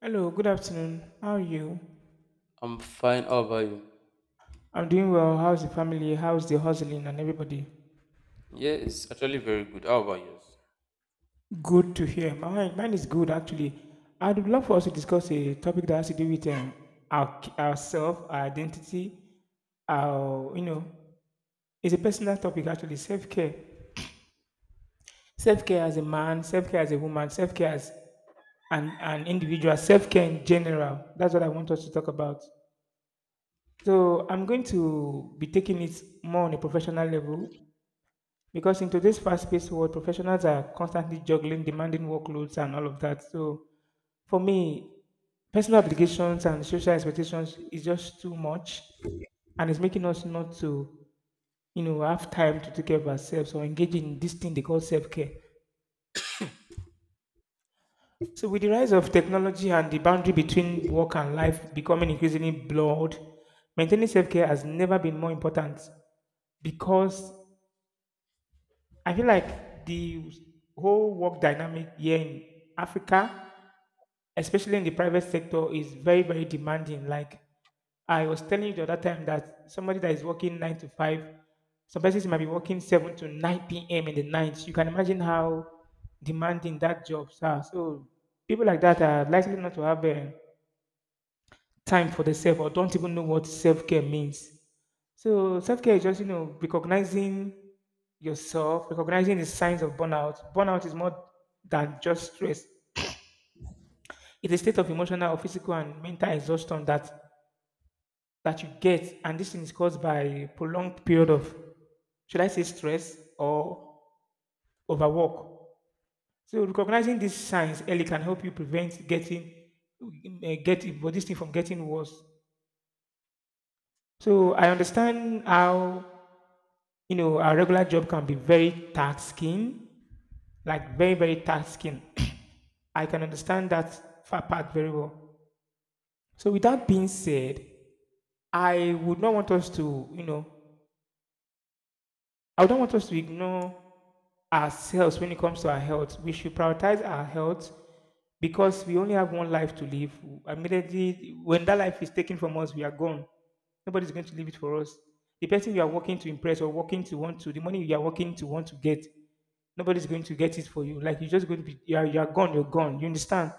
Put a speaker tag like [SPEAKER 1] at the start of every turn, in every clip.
[SPEAKER 1] Hello, good afternoon. How are you?
[SPEAKER 2] I'm fine. How about you?
[SPEAKER 1] I'm doing well. How's the family? How's the hustling and everybody?
[SPEAKER 2] Yeah, it's actually very good. How about yours?
[SPEAKER 1] Good to hear. Mine is good actually. I'd love for us to discuss a topic that has to do with ourselves, our identity, our you know, it's a personal topic actually. Self care as a man, self care as a woman, self care as an individual, self care in general. That's what I want us to talk about. So I'm going to be taking it more on a professional level. Because in today's fast-paced world, professionals are constantly juggling demanding workloads and all of that. So for me, personal obligations and social expectations is just too much, and it's making us not to, have time to take care of ourselves or engage in this thing they call self-care. So with the rise of technology and the boundary between work and life becoming increasingly blurred, maintaining self-care has never been more important, because I feel like the whole work dynamic here in Africa, especially in the private sector, is very, very demanding. Like I was telling you the other time that somebody that is working nine to five, some persons might be working seven to nine p.m. in the night. You can imagine how demanding that jobs are. So people like that are likely not to have time for themselves or don't even know what self care means. So self-care is just, recognizing yourself, recognizing the signs of burnout. Burnout is more than just stress. It's a state of emotional or physical and mental exhaustion that you get, and this thing is caused by prolonged period of, should I say, stress or overwork. So recognizing these signs early can help you prevent getting eh, get eh, this thing from getting worse. So I understand how our regular job can be very taxing, like very, very tasking. I can understand that part very well. So, with that being said, I would not want us to, you know, I don't want us to ignore ourselves when it comes to our health. We should prioritize our health because we only have one life to live. Immediately, when that life is taken from us, we are gone. Nobody's going to leave it for us. The person you are working to impress or working to want to, the money you are working to want to get, nobody's going to get it for you. Like you're just going to be, you are gone, you're gone. You understand?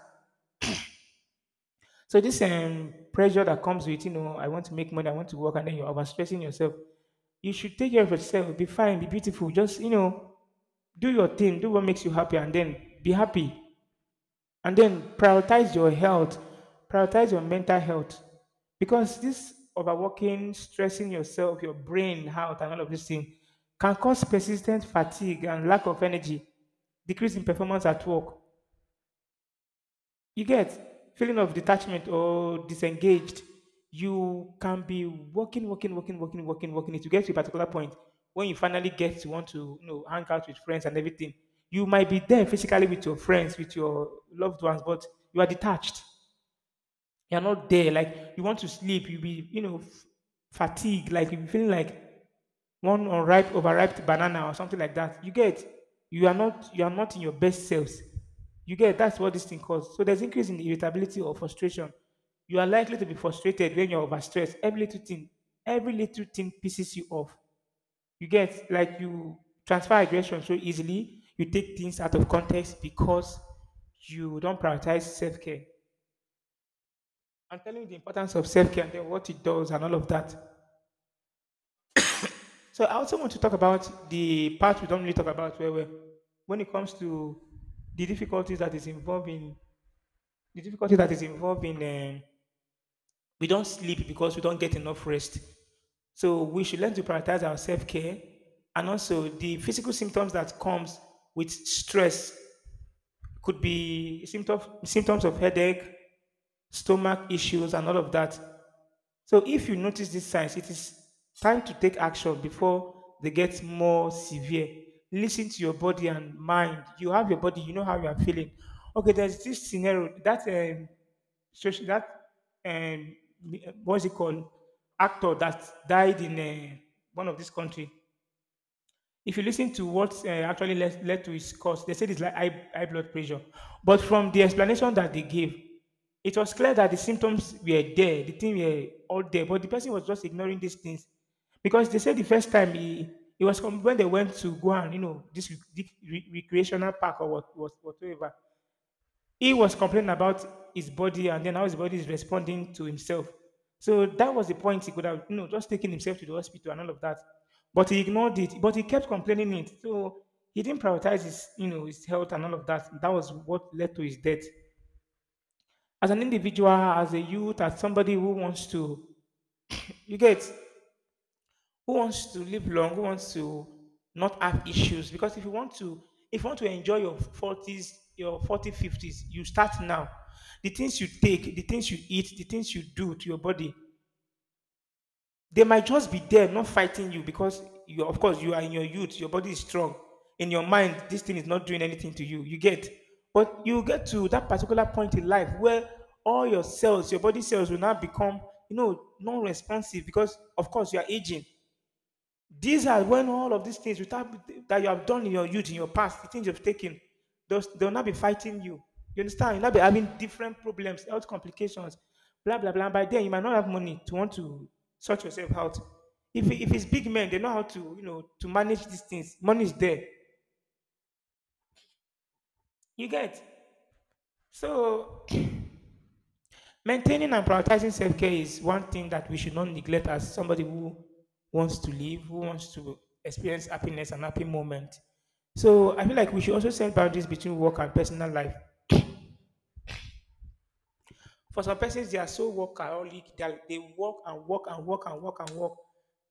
[SPEAKER 1] So this pressure that comes with, I want to make money, I want to work, and then you're overstressing yourself. You should take care of yourself, be fine, be beautiful. Just, do your thing, do what makes you happy, and then be happy. And then prioritize your health, prioritize your mental health. Because this overworking, stressing yourself, your brain out, and all of this thing can cause persistent fatigue and lack of energy, decrease in performance at work, you get feeling of detachment or disengaged. You can be working, working, working, working, working, working. It to get to a particular point when you finally get to want to hang out with friends and everything. You might be there physically with your friends, with your loved ones, but you are detached. You're not there. Like you want to sleep. You'll be, fatigued. Like you'll be feeling like one unripe, overripe banana or something like that. You get, you are not in your best selves. You get, that's what this thing causes. So there's increase in irritability or frustration. You are likely to be frustrated when you're overstressed. Every little thing pisses you off. You get, like you transfer aggression so easily. You take things out of context because you don't prioritize self care, and telling you the importance of self care and then what it does and all of that. So I also want to talk about the part we don't really talk about where, when it comes to the difficulties that is involved in the difficulty that is involved in, we don't sleep because we don't get enough rest. So we should learn to prioritize our self care, and also the physical symptoms that comes with stress could be symptoms of headache, stomach issues, and all of that. So if you notice these signs, it is time to take action before they get more severe. Listen to your body and mind. You have your body, you know how you are feeling. Okay, there's this scenario that, social that, um, what's it called, actor that died in, uh, one of this country. If you listen to what actually led to his cause, they said it's like high, high blood pressure. But from the explanation that they gave, it was clear that the symptoms were there, the thing were all there, but the person was just ignoring these things, because they said the first time he, it was com- when they went to go and this recreational park, or whatever, he was complaining about his body and then how his body is responding to himself. So that was the point he could have, just taken himself to the hospital and all of that. But he ignored it, but he kept complaining it. So he didn't prioritize his health and all of that. That was what led to his death. As an individual, as a youth, as somebody who wants to, you get, who wants to live long, who wants to not have issues. Because if you want to enjoy your 40s, your 40, 50s, you start now. The things you take, the things you eat, the things you do to your body, they might just be there, not fighting you, because you, of course, you are in your youth, your body is strong. In your mind, this thing is not doing anything to you. You get, but you get to that particular point in life where all your cells, your body cells, will now become, non-responsive, because, of course, you are aging. These are when all of these things without that you have done in your youth, in your past, the things you've taken, those, they'll not be fighting you. You understand? You'll not be having different problems, health complications, blah blah blah. By then you might not have money to want to sort yourself out. If it's big men, they know how to manage these things. Money is there. You get. So, maintaining and prioritizing self care is one thing that we should not neglect, as somebody who wants to live, who wants to experience happiness and happy moment. So I feel like we should also set boundaries between work and personal life. For some persons, they are so workaholic that they work and work and work and work and work.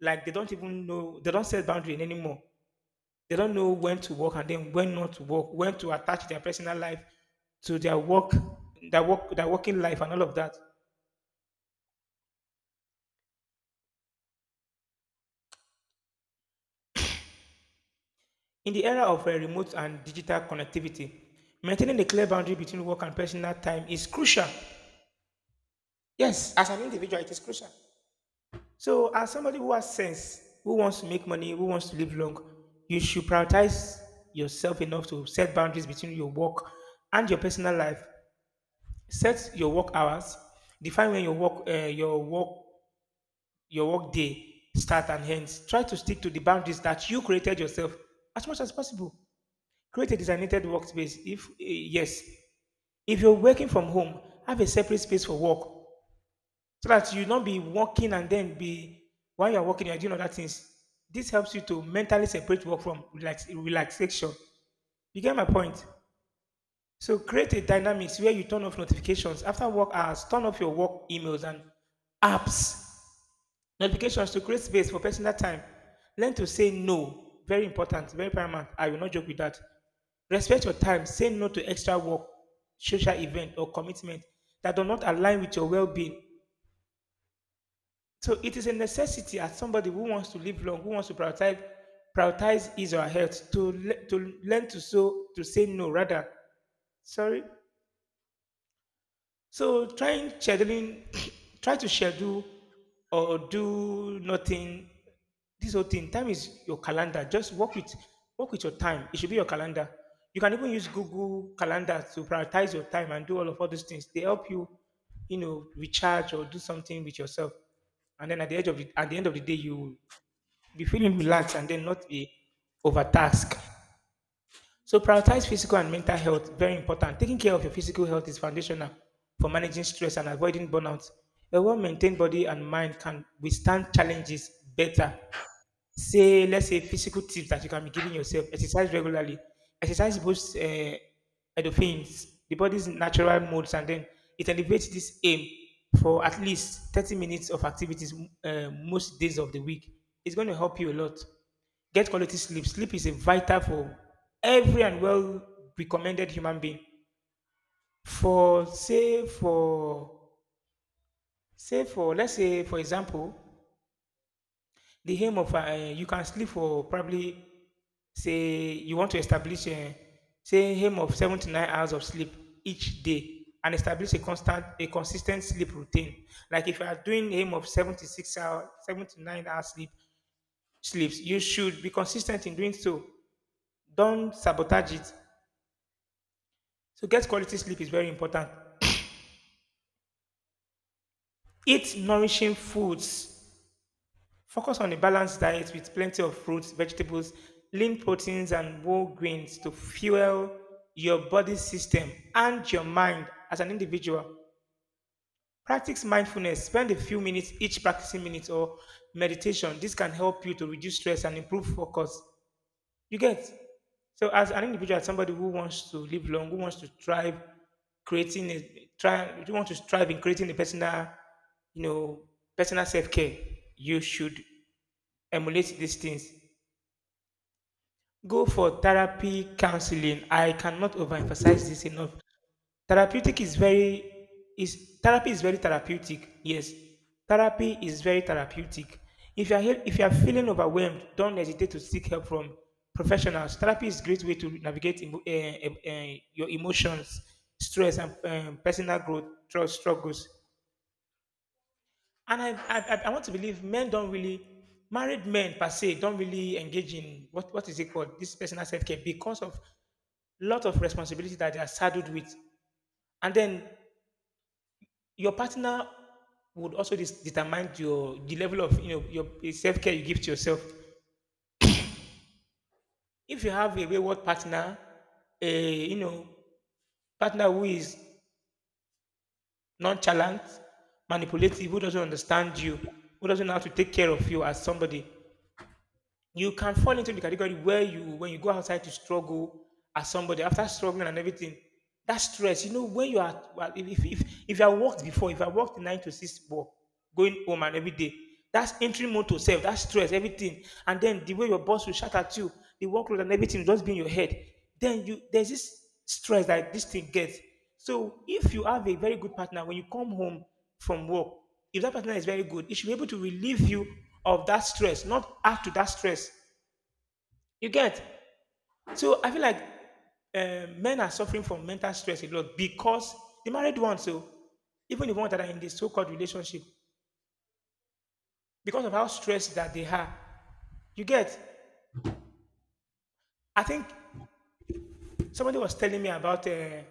[SPEAKER 1] Like they don't even know, they don't set boundaries anymore. They don't know when to work and then when not to work, when to attach their personal life to their working life and all of that. In the era of remote and digital connectivity, maintaining a clear boundary between work and personal time is crucial. Yes, as an individual, it is crucial. So, as somebody who has sense, who wants to make money, who wants to live long, you should prioritize yourself enough to set boundaries between your work and your personal life. Set your work hours. Define when your work day starts and ends. Try to stick to the boundaries that you created yourself as much as possible. Create a designated workspace. If eh, Yes, if you're working from home, have a separate space for work, so that you not be working and then be, while you're working, you're doing other things. This helps you to mentally separate work from relaxation. You get my point. So create a dynamics where you turn off notifications after work hours. Turn off your work emails and apps, notifications, to create space for personal time. Learn to say no. Very important, very paramount. I will not joke with that. Respect your time. Say no to extra work, social event, or commitment that do not align with your well-being. So it is a necessity, as somebody who wants to live long, who wants to prioritize his or her health, to learn to, so to say, no, rather. Sorry. So, try to schedule or do nothing. This whole thing, time is your calendar. Just work with your time. It should be your calendar. You can even use Google Calendar to prioritize your time and do all those things. They help you, recharge or do something with yourself. And then at the edge of the, at the end of the day, you will be feeling relaxed and then not be overtasked. So prioritize physical and mental health, very important. Taking care of your physical health is foundational for managing stress and avoiding burnout. A well-maintained body and mind can withstand challenges better. Say Let's say physical tips that you can be giving yourself: exercise regularly. Exercise boosts endorphins, the body's natural modes, and then it elevates this. Aim for at least 30 minutes of activities most days of the week. It's going to help you a lot. Get quality sleep. Sleep is a vital for every and well recommended human being. For say for say for Let's say, for example, the aim of you can sleep for probably, say, you want to establish a, say, aim of 7 to 9 hours of sleep each day, and establish a consistent sleep routine. Like if you are doing aim of 7 to 9 hours sleep sleeps you should be consistent in doing so. Don't sabotage it. So, get quality sleep is very important. Eat nourishing foods. Focus on a balanced diet with plenty of fruits, vegetables, lean proteins, and whole grains to fuel your body system and your mind as an individual. Practice mindfulness. Spend a few minutes each practicing minutes or meditation. This can help you to reduce stress and improve focus. You get? So, as an individual, as somebody who wants to live long, who wants to thrive, creating a try, who want to strive in creating a you know, personal self care, you should emulate these things. Go for therapy, counseling. I cannot overemphasize this enough. Therapeutic is very is Therapy is very therapeutic. Yes, therapy is very therapeutic. If you are feeling overwhelmed, don't hesitate to seek help from professionals. Therapy is a great way to navigate your emotions, stress, and personal growth through struggles. And I want to believe men don't really, married men per se, don't really engage in what is it called? This personal self care because of lot of responsibility that they are saddled with. And then your partner would also determine your the level of your self care you give to yourself. If you have a wayward partner, a partner who is nonchalant, manipulative, who doesn't understand you, who doesn't know how to take care of you as somebody, you can fall into the category where you when you go outside to struggle as somebody after struggling and everything, that stress, when you are well. If you have worked before, if I worked 9 to 6 work, going home and every day, that's entry mode to self, that stress everything, and then the way your boss will shout at you, the workload and everything will just be in your head. Then you, there's this stress that this thing gets. So if you have a very good partner, when you come home from work, if that partner is very good, it should be able to relieve you of that stress, not add to that stress. You get? So I feel like men are suffering from mental stress a lot because the married ones, so even the ones that are in the so-called relationship, because of how stressed that they are. You get? I think somebody was telling me about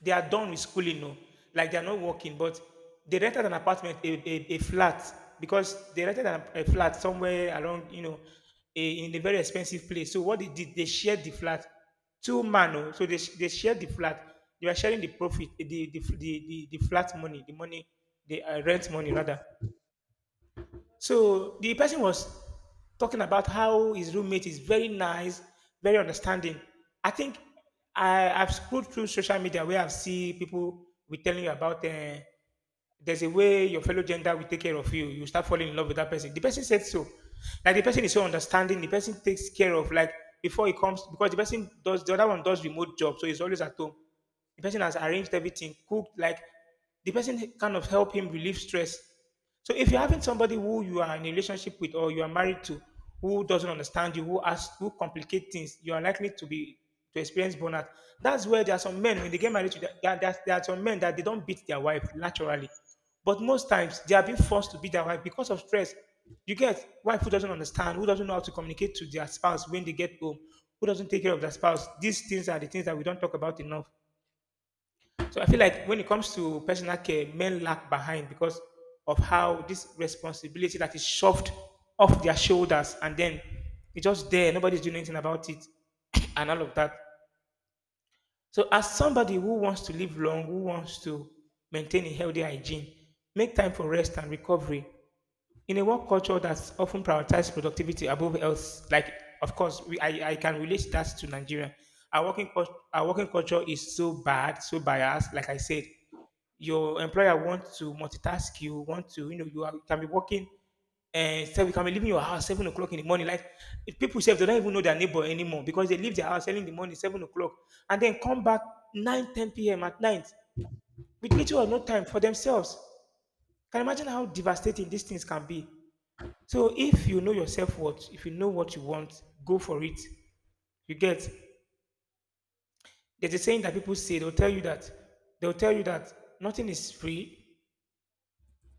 [SPEAKER 1] they are done with schooling, no, like they are not working, but they rented an apartment, a flat. Because they rented a flat somewhere around, you know, in a very expensive place. So what they did, they shared the flat, two-man, oh, so they, they shared the flat. They were sharing the profit, the flat money, the rent money rather. So the person was talking about how his roommate is very nice, very understanding. I think I've scrolled through social media where I've seen people will telling you about there's a way your fellow gender will take care of you. You start falling in love with that person. The person said so. Like the person is so understanding. The person takes care of, like, before he comes, because the other one does remote job, so he's always at home. The person has arranged everything, cooked, like the person kind of help him relieve stress. So if you're having somebody who you are in a relationship with or you are married to, who doesn't understand you, who asks, who complicate things, you are likely to experience burnout. That's where there are some men. When they get married to there are some men that they don't beat their wife naturally. But most times they are being forced to beat their wife because of stress. You get wife who doesn't understand, who doesn't know how to communicate to their spouse when they get home, who doesn't take care of their spouse. These things are the things that we don't talk about enough. So I feel like when it comes to personal care, men lag behind because of how this responsibility that is shoved off their shoulders, and then it's just there, nobody's doing anything about it, and all of that. So as somebody who wants to live long, who wants to maintain a healthy hygiene, make time for rest and recovery. In a work culture that's often prioritizes productivity above health, like of course we, I can relate that to Nigeria. Our our working culture is so bad, so biased. Like I said, your employer wants to multitask you, want to, you, are, can be working. And so you can be leaving your house 7 o'clock in the morning. Like if people say they don't even know their neighbor anymore because they leave their house early in the morning, 7 o'clock, and then come back 9, 10 p.m. at night, with little or no time for themselves. Can you imagine how devastating these things can be? So if you know yourself what, if you know what you want, go for it. You get, there's a saying that people say, they'll tell you that they'll tell you that nothing is free.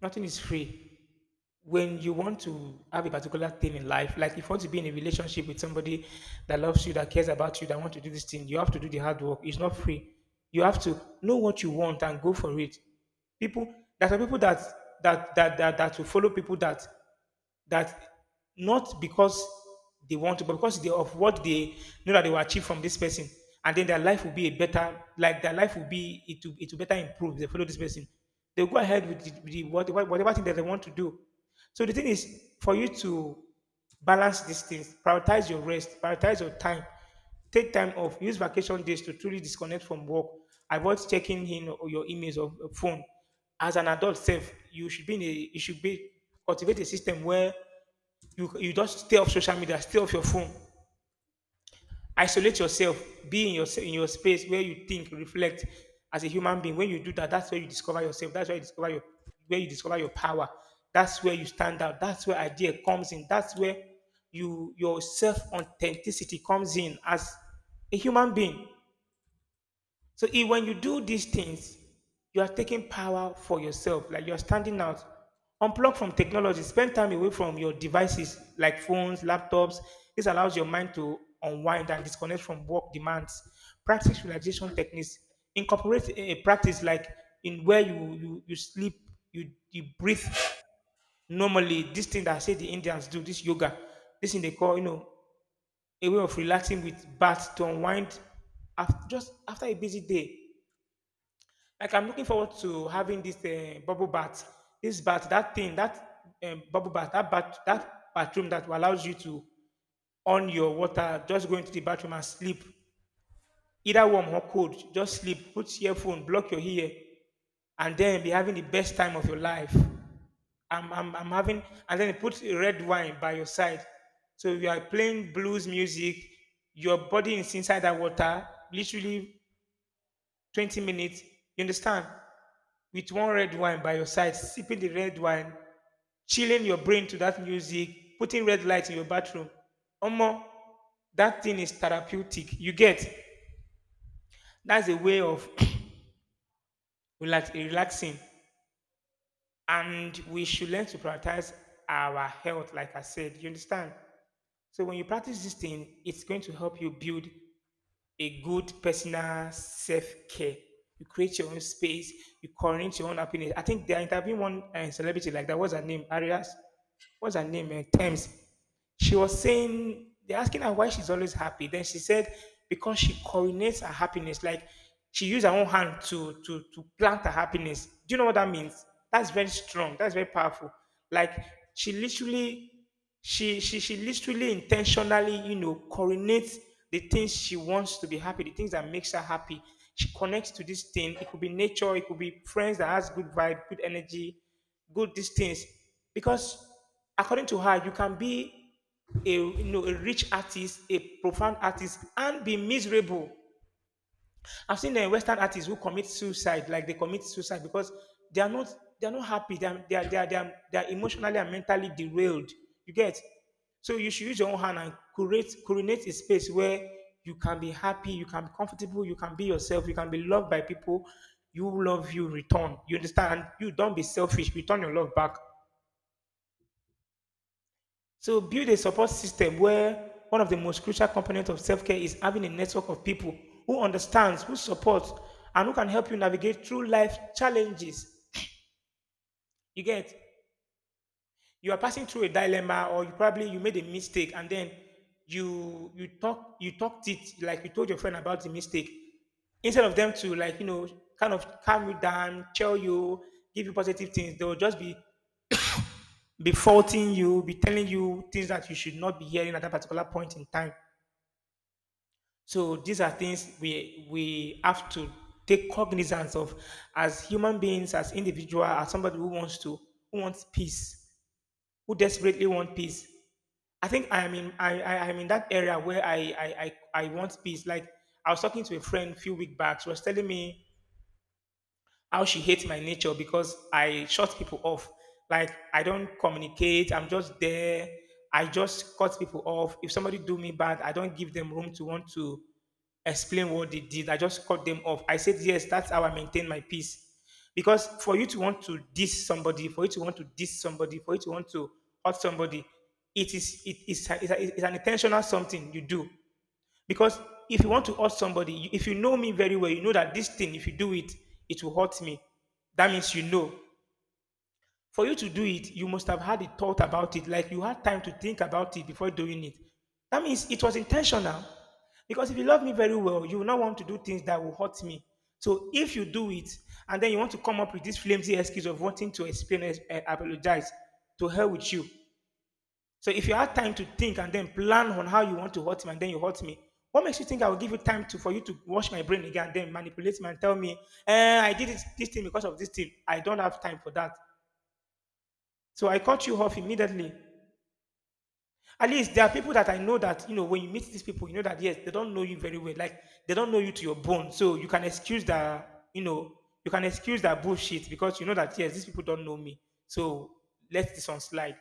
[SPEAKER 1] Nothing is free. When you want to have a particular thing in life, like if you want to be in a relationship with somebody that loves you, that cares about you, that want to do this thing, you have to do the hard work. It's not free. You have to know what you want and go for it. People, there are people that will follow people that that not because they want to, but because they, of what they know that they will achieve from this person, and then their life will be a better, like their life will be, it will better improve. They follow this person, they'll go ahead with the, whatever thing that they want to do. So the thing is for you to balance these things, prioritize your rest, prioritize your time. Take time off. Use vacation days to truly disconnect from work. Avoid checking in or your emails or phone. As an adult self, you should be cultivate a system where you just stay off social media, stay off your phone. Isolate yourself. Be in your space where you think, reflect as a human being. When you do that, that's where you discover yourself. That's where you discover your power. That's where you stand out. That's where idea comes in. That's where your self authenticity comes in as a human being. So if when you do these things, you are taking power for yourself, like you are standing out. Unplug from technology, spend time away from your devices like phones, laptops. This allows your mind to unwind and disconnect from work demands. Practice relaxation techniques. Incorporate a practice like in where you sleep, you breathe normally. This thing that I say the Indians do, this yoga, this thing they call, you know, a way of relaxing with bath to unwind after, just after a busy day, like I'm looking forward to having this bubble bath, this bath, that thing, that bubble bath, that bathroom that allows you to on your water, just go into the bathroom and sleep, either warm or cold. Just sleep, put earphone, block your ear, and then be having the best time of your life. I'm having, and then put red wine by your side. So you are playing blues music, your body is inside that water, literally 20 minutes, you understand? With one red wine by your side, sipping the red wine, chilling your brain to that music, putting red light in your bathroom. Omo, that thing is therapeutic. You get that's a way of relaxing. And we should learn to prioritize our health, like I said. You understand? So when you practice this thing, it's going to help you build a good personal self-care. You create your own space. You curate your own happiness. I think they are interviewing one celebrity like that. What's her name? Arias. What's her name? Thames, she was saying they're asking her why she's always happy. Then she said because she coordinates her happiness, like she used her own hand to plant her happiness. Do you know what that means? That's very strong. That's very powerful. Like she literally, she literally intentionally, you know, coordinates the things she wants to be happy, the things that makes her happy. She connects to this thing. It could be nature. It could be friends that has good vibe, good energy, good these things because according to her you can be a, you know, a rich artist, a profound artist, and be miserable. I've seen the Western artists who commit suicide, like they commit suicide because they are not they are not happy. They are they are, they are, they are, they are emotionally and mentally derailed. You get so you should use your own hand and create a space where you can be happy, you can be comfortable, you can be yourself, you can be loved by people. You love you return. You understand? You don't be selfish. Return your love back. So build a support system where one of the most crucial components of self-care is having a network of people who understands, who supports, and who can help you navigate through life challenges. You get you are passing through a dilemma or you probably you made a mistake and then you talk you talked it like you told your friend about the mistake instead of them to, like, you know, kind of calm you down, chill you, give you positive things. They'll just be faulting you, be telling you things that you should not be hearing at that particular point in time. So these are things we have to take cognizance of as human beings, as individual, as somebody who wants to who wants peace, who desperately want peace. I think I'm in that area where I I want peace. Like I was talking to a friend a few weeks back. She was telling me how she hates my nature because I shut people off. Like I don't communicate. I'm just there. I just cut people off. If somebody do me bad, I don't give them room to want to explain what they did. I just cut them off. I said yes. That's how I maintain my peace. Because for you to want to diss somebody, for you to want to hurt somebody, it is it's, a- it's an intentional something you do. Because if you want to hurt somebody, you- if you know me very well, you know that this thing, if you do it, it will hurt me. That means you know. For you to do it, you must have had a thought about it, like you had time to think about it before doing it. That means it was intentional. Because if you love me very well, you will not want to do things that will hurt me. So if you do it, and then you want to come up with this flimsy excuse of wanting to explain, eh, apologize, to hell with you. So if you had time to think and then plan on how you want to hurt me and then you hurt me, what makes you think I will give you time to for you to wash my brain again, and then manipulate me and tell me, eh, I did it, this thing because of this thing. I don't have time for that. So I cut you off immediately. At least there are people that I know that, you know, when you meet these people, you know that yes, they don't know you very well. Like they don't know you to your bone. So you can excuse that, you know, you can excuse that bullshit because you know that yes, these people don't know me. So let this one slide.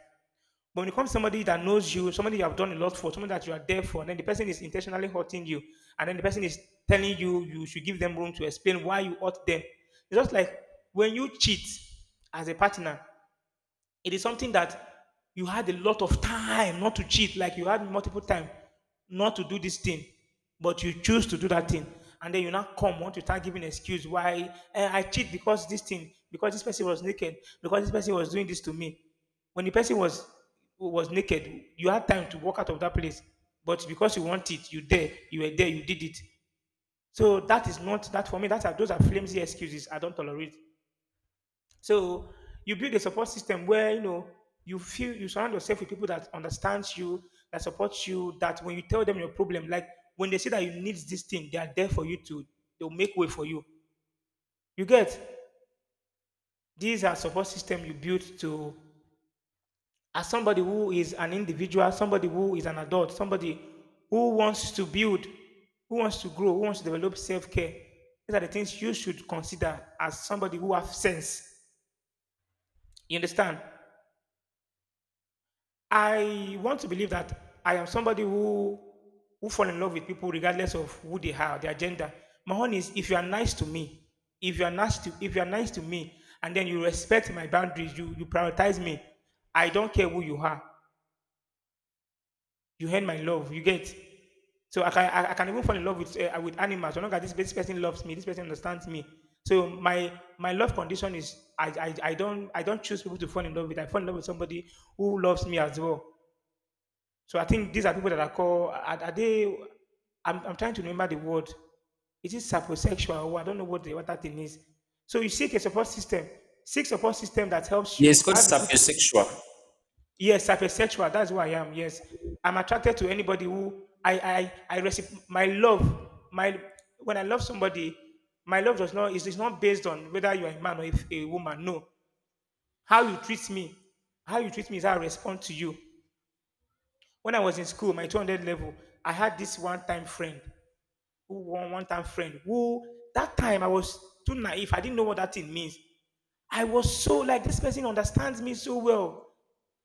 [SPEAKER 1] But when it comes to somebody that knows you, somebody you have done a lot for, somebody that you are there for, and then the person is intentionally hurting you, and then the person is telling you you should give them room to explain why you hurt them. It's just like when you cheat as a partner, it is something that you had a lot of time not to cheat, like you had multiple time not to do this thing, but you choose to do that thing. And then you now come, want to start giving excuse why eh, I cheat because this thing, because this person was naked, because this person was doing this to me. When the person was naked, you had time to walk out of that place. But because you want it, you were there, you did it. So that is not that for me. That are Those are flimsy excuses. I don't tolerate. So you build a support system where you know you feel you surround yourself with people that understands you, that supports you, that when you tell them your problem, like when they say that you need this thing, they are there for you to they'll make way for you. You get these are support system you build to as somebody who is an individual, somebody who is an adult, somebody who wants to build, who wants to grow, who wants to develop self-care. These are the things you should consider as somebody who have sense. You understand? I want to believe that I am somebody who fall in love with people regardless of who they are, their gender. My own is if you are nice to me, if you are nice to if you are nice to me, and then you respect my boundaries, you prioritize me. I don't care who you are. You earn my love. You get. So I can even fall in love with animals. So long as this person loves me, this person understands me. So my love condition is I don't choose people to fall in love with. I fall in love with somebody who loves me as well. So I think these are people that are called, I'm trying to remember the word. Is it saposexual? Or I don't know what, the, what that thing is. So you seek a support system. Seek support system that helps
[SPEAKER 2] Yeah, it's
[SPEAKER 1] you
[SPEAKER 2] called
[SPEAKER 1] have good, co-
[SPEAKER 2] sapiosexual.
[SPEAKER 1] yes, saposexual. That's who I am. Yes. I'm attracted to anybody who I receive my love. My, when I love somebody, my love does not, is not based on whether you are a man or if a woman. No. How you treat me, how you treat me is how I respond to you. When I was in school, my 200 level, I had this one time friend who one time friend who that time I was too naive. I didn't know what that thing means. I was so like this person understands me so well,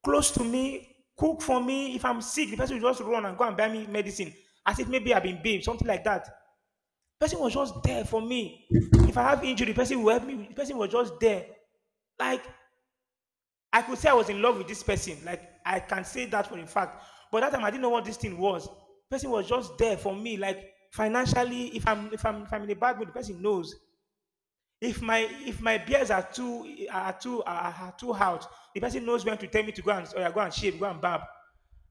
[SPEAKER 1] close to me, cook for me. If I'm sick, the person will just run and go and buy me medicine as if maybe I've been beamed, something like that. Person was just there for me. If I have injury, the person will help me. The person was just there. Like I could say I was in love with this person. Like I can say that for a fact. But that time I didn't know what this thing was. Person was just there for me. Like financially, if I'm in a bad mood, the person knows. If my if my beers are too out, the person knows when to tell me to go and or go and shave, go and barb.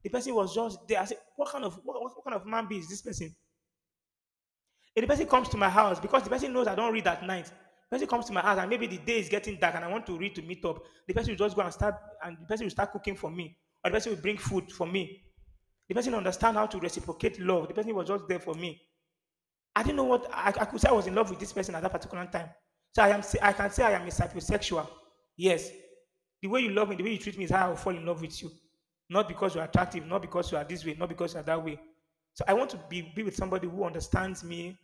[SPEAKER 1] The person was just there. I said, what kind of man be is this person? If the person comes to my house because the person knows I don't read at night. The person comes to my house and maybe the day is getting dark and I want to read to meet up. The person will just go and start and the person will start cooking for me. Or the person will bring food for me. The person understand how to reciprocate love. The person was just there for me. I didn't know what I could say I was in love with this person at that particular time. So I can say I am a psychosexual. Yes. The way you love me, the way you treat me is how I will fall in love with you. Not because you're attractive, not because you are this way, not because you are that way. So I want to be with somebody who understands me,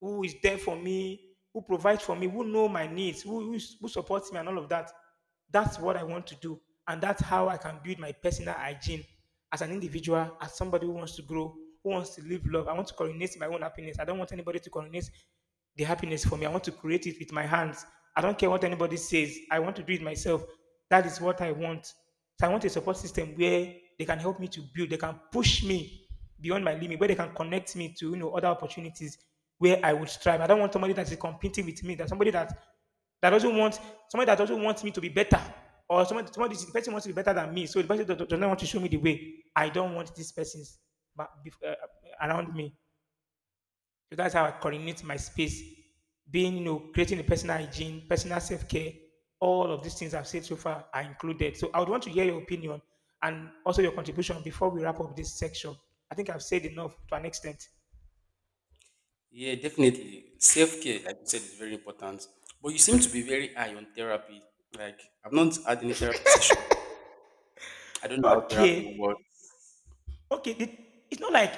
[SPEAKER 1] who is there for me, who provides for me, who know my needs, who supports me and all of that. That's what I want to do. And that's how I can build my personal hygiene as an individual, as somebody who wants to grow, who wants to live love. I want to coordinate my own happiness. I don't want anybody to coordinate the happiness for me. I want to create it with my hands. I don't care what anybody says. I want to do it myself. That is what I want. So I want a support system where they can help me to build. They can push me beyond my limit, where they can connect me to other opportunities where I would strive. I don't want somebody that is competing with me. That Somebody that doesn't want somebody that doesn't want me to be better, or somebody the person wants to be better than me. So the person does not want to show me the way. I don't want these persons but bef- uh, around me. So that's how I coordinate my space, being, you know, creating a personal hygiene, personal self care. All of these things I've said so far are included. So I would want to hear your opinion and also your contribution before we wrap up this section. I think I've said enough to an extent.
[SPEAKER 2] Yeah, definitely. Self care, like you said, is very important. But you seem to be very high on therapy. Like, I've not had any therapy session. I don't know how therapy
[SPEAKER 1] Okay.
[SPEAKER 2] works.
[SPEAKER 1] Okay. It's not like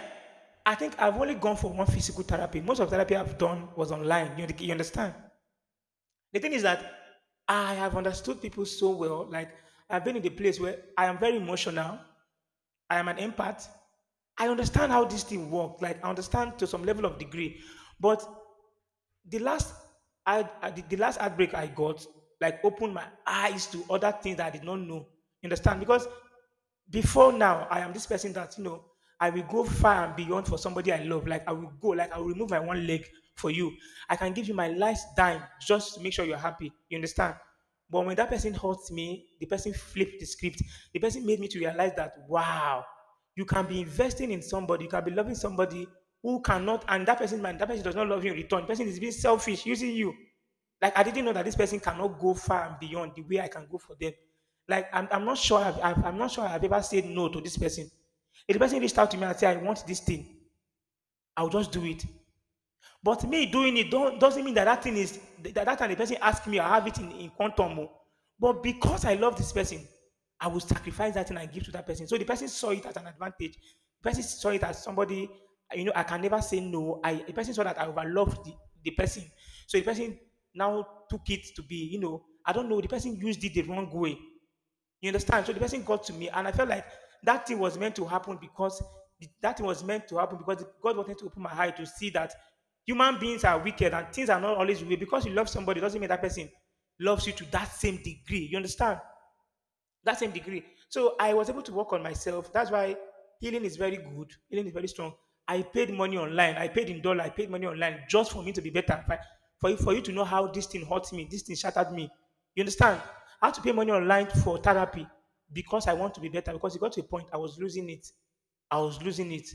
[SPEAKER 1] I think I've only gone for one physical therapy. Most of therapy I've done was online. You understand? The thing is that I have understood people so well. Like I've been in the place where I am very emotional. I am an empath. I understand how this thing works. Like I understand to some level of degree, but the last the last outbreak I got like opened my eyes to other things that I did not know. Understand? Because before now I am this person that you know I will go far and beyond for somebody I love. Like I will remove my one leg for you. I can give you my last dime just to make sure you're happy. You understand? But when that person hurts me, the person flipped the script. The person made me to realize that wow. You can be investing in somebody, you can be loving somebody who cannot. And that person does not love you in return. The person is being selfish, using you. Like I didn't know that this person cannot go far and beyond the way I can go for them. Like I'm not sure I've ever said no to this person. If the person reached out to me and said I want this thing, I'll just do it. But me doing it don't, doesn't mean that that time the person asked me, I have it in quantum. Oh. But because I love this person, I will sacrifice that thing and give to that person. So the person saw it as an advantage. The person saw it as somebody, you know, I can never say no. I The person saw that I overloved the person. So the person now took it to be, you know, I don't know, the person used it the wrong way. You understand? So the person got to me, and I felt like that thing was meant to happen because that thing was meant to happen because God wanted to open my eye to see that human beings are wicked and things are not always real. Because you love somebody doesn't mean that person loves you to that same degree. You understand? That same degree. So I was able to work on myself. That's why healing is very good. Healing is very strong. I paid money online. I paid in dollar. I paid money online just for me to be better. For for you to know how this thing hurt me, this thing shattered me. You understand? I had to pay money online for therapy because I want to be better. Because it got to a point I was losing it. I was losing it.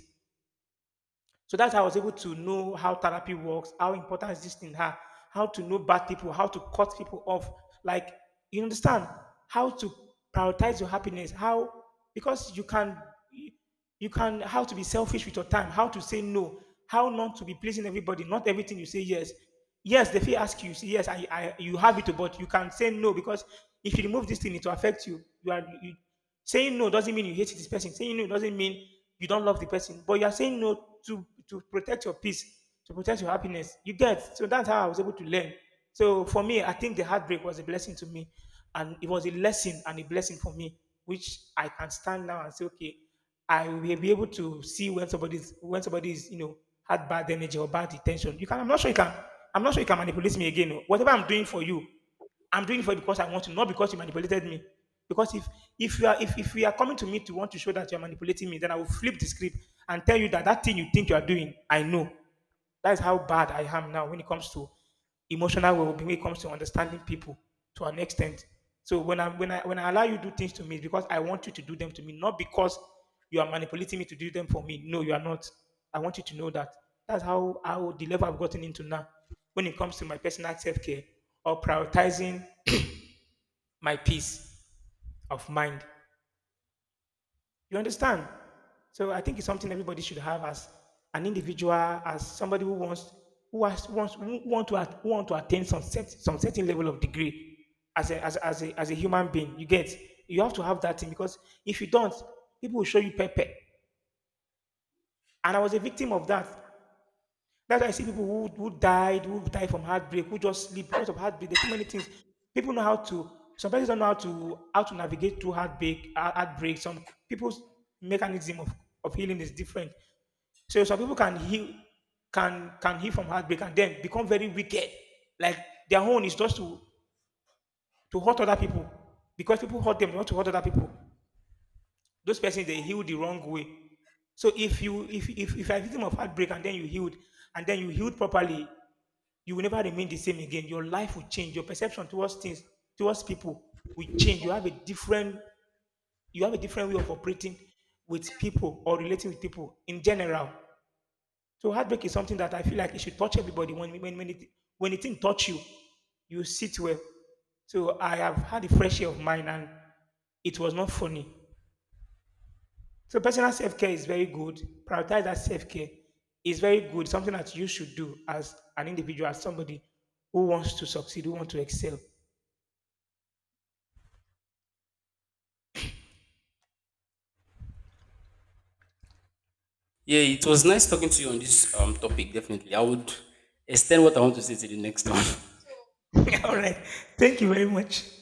[SPEAKER 1] So that's how I was able to know how therapy works, how important is this thing her, how to know bad people, how to cut people off. Like you understand how to prioritize your happiness, how because you can how to be selfish with your time, how to say no, how not to be pleasing everybody, not everything you say yes. Yes, they feel ask you, you say yes, I you have it, but you can say no because if you remove this thing, it will affect you. Saying no doesn't mean you hate this person. Saying no doesn't mean you don't love the person. But you are saying no to protect your peace, to protect your happiness. You get so that's how I was able to learn. So for me, I think the heartbreak was a blessing to me, and it was a lesson and a blessing for me, which I can stand now and say, okay, I will be able to see when somebody's you know had bad energy or bad intention. You can. I'm not sure you can. I'm not sure you can manipulate me again. Oh. Whatever I'm doing for you, I'm doing it for you because I want to, not because you manipulated me. Because if you are coming to me to want to show that you are manipulating me, then I will flip the script and tell you that that thing you think you are doing, I know. That's how bad I am now when it comes to emotional well-being, when it comes to understanding people to an extent. So when I allow you to do things to me, it's because I want you to do them to me, not because you are manipulating me to do them for me. No, you are not. I want you to know that. That's how the level I've gotten into now. When it comes to my personal self-care or prioritizing my peace of mind. You understand? So I think it's something everybody should have as an individual, as somebody who want to attain some certain level of degree as as a human being. You get you have to have that thing because if you don't, people will show you pepper. And I was a victim of that. That's why I see people who died from heartbreak, who just sleep because of heartbreak. There's so many things. People know how to. Some people don't know how to navigate through heartbreak. Heartbreak. Some people's mechanism of healing is different. So some people can heal, can heal from heartbreak and then become very wicked. Like their own is just to hurt other people because people hurt them. They want to hurt other people. Those persons they heal the wrong way. So if you if you're a victim of heartbreak and then you healed and then you healed properly, you will never remain the same again. Your life will change. Your perception towards things, towards people will change. You have a different, you have a different way of operating with people or relating with people in general. So heartbreak is something that I feel like it should touch everybody. When it touch you, you sit well. So I have had a fresh year of mine and it was not funny. So personal self-care is very good. Prioritize that self-care is very good. Something that you should do as an individual, as somebody who wants to succeed, who wants to excel.
[SPEAKER 2] Yeah, it was nice talking to you on this topic, definitely. I would extend what I want to say to the next one.
[SPEAKER 1] All right. Thank you very much.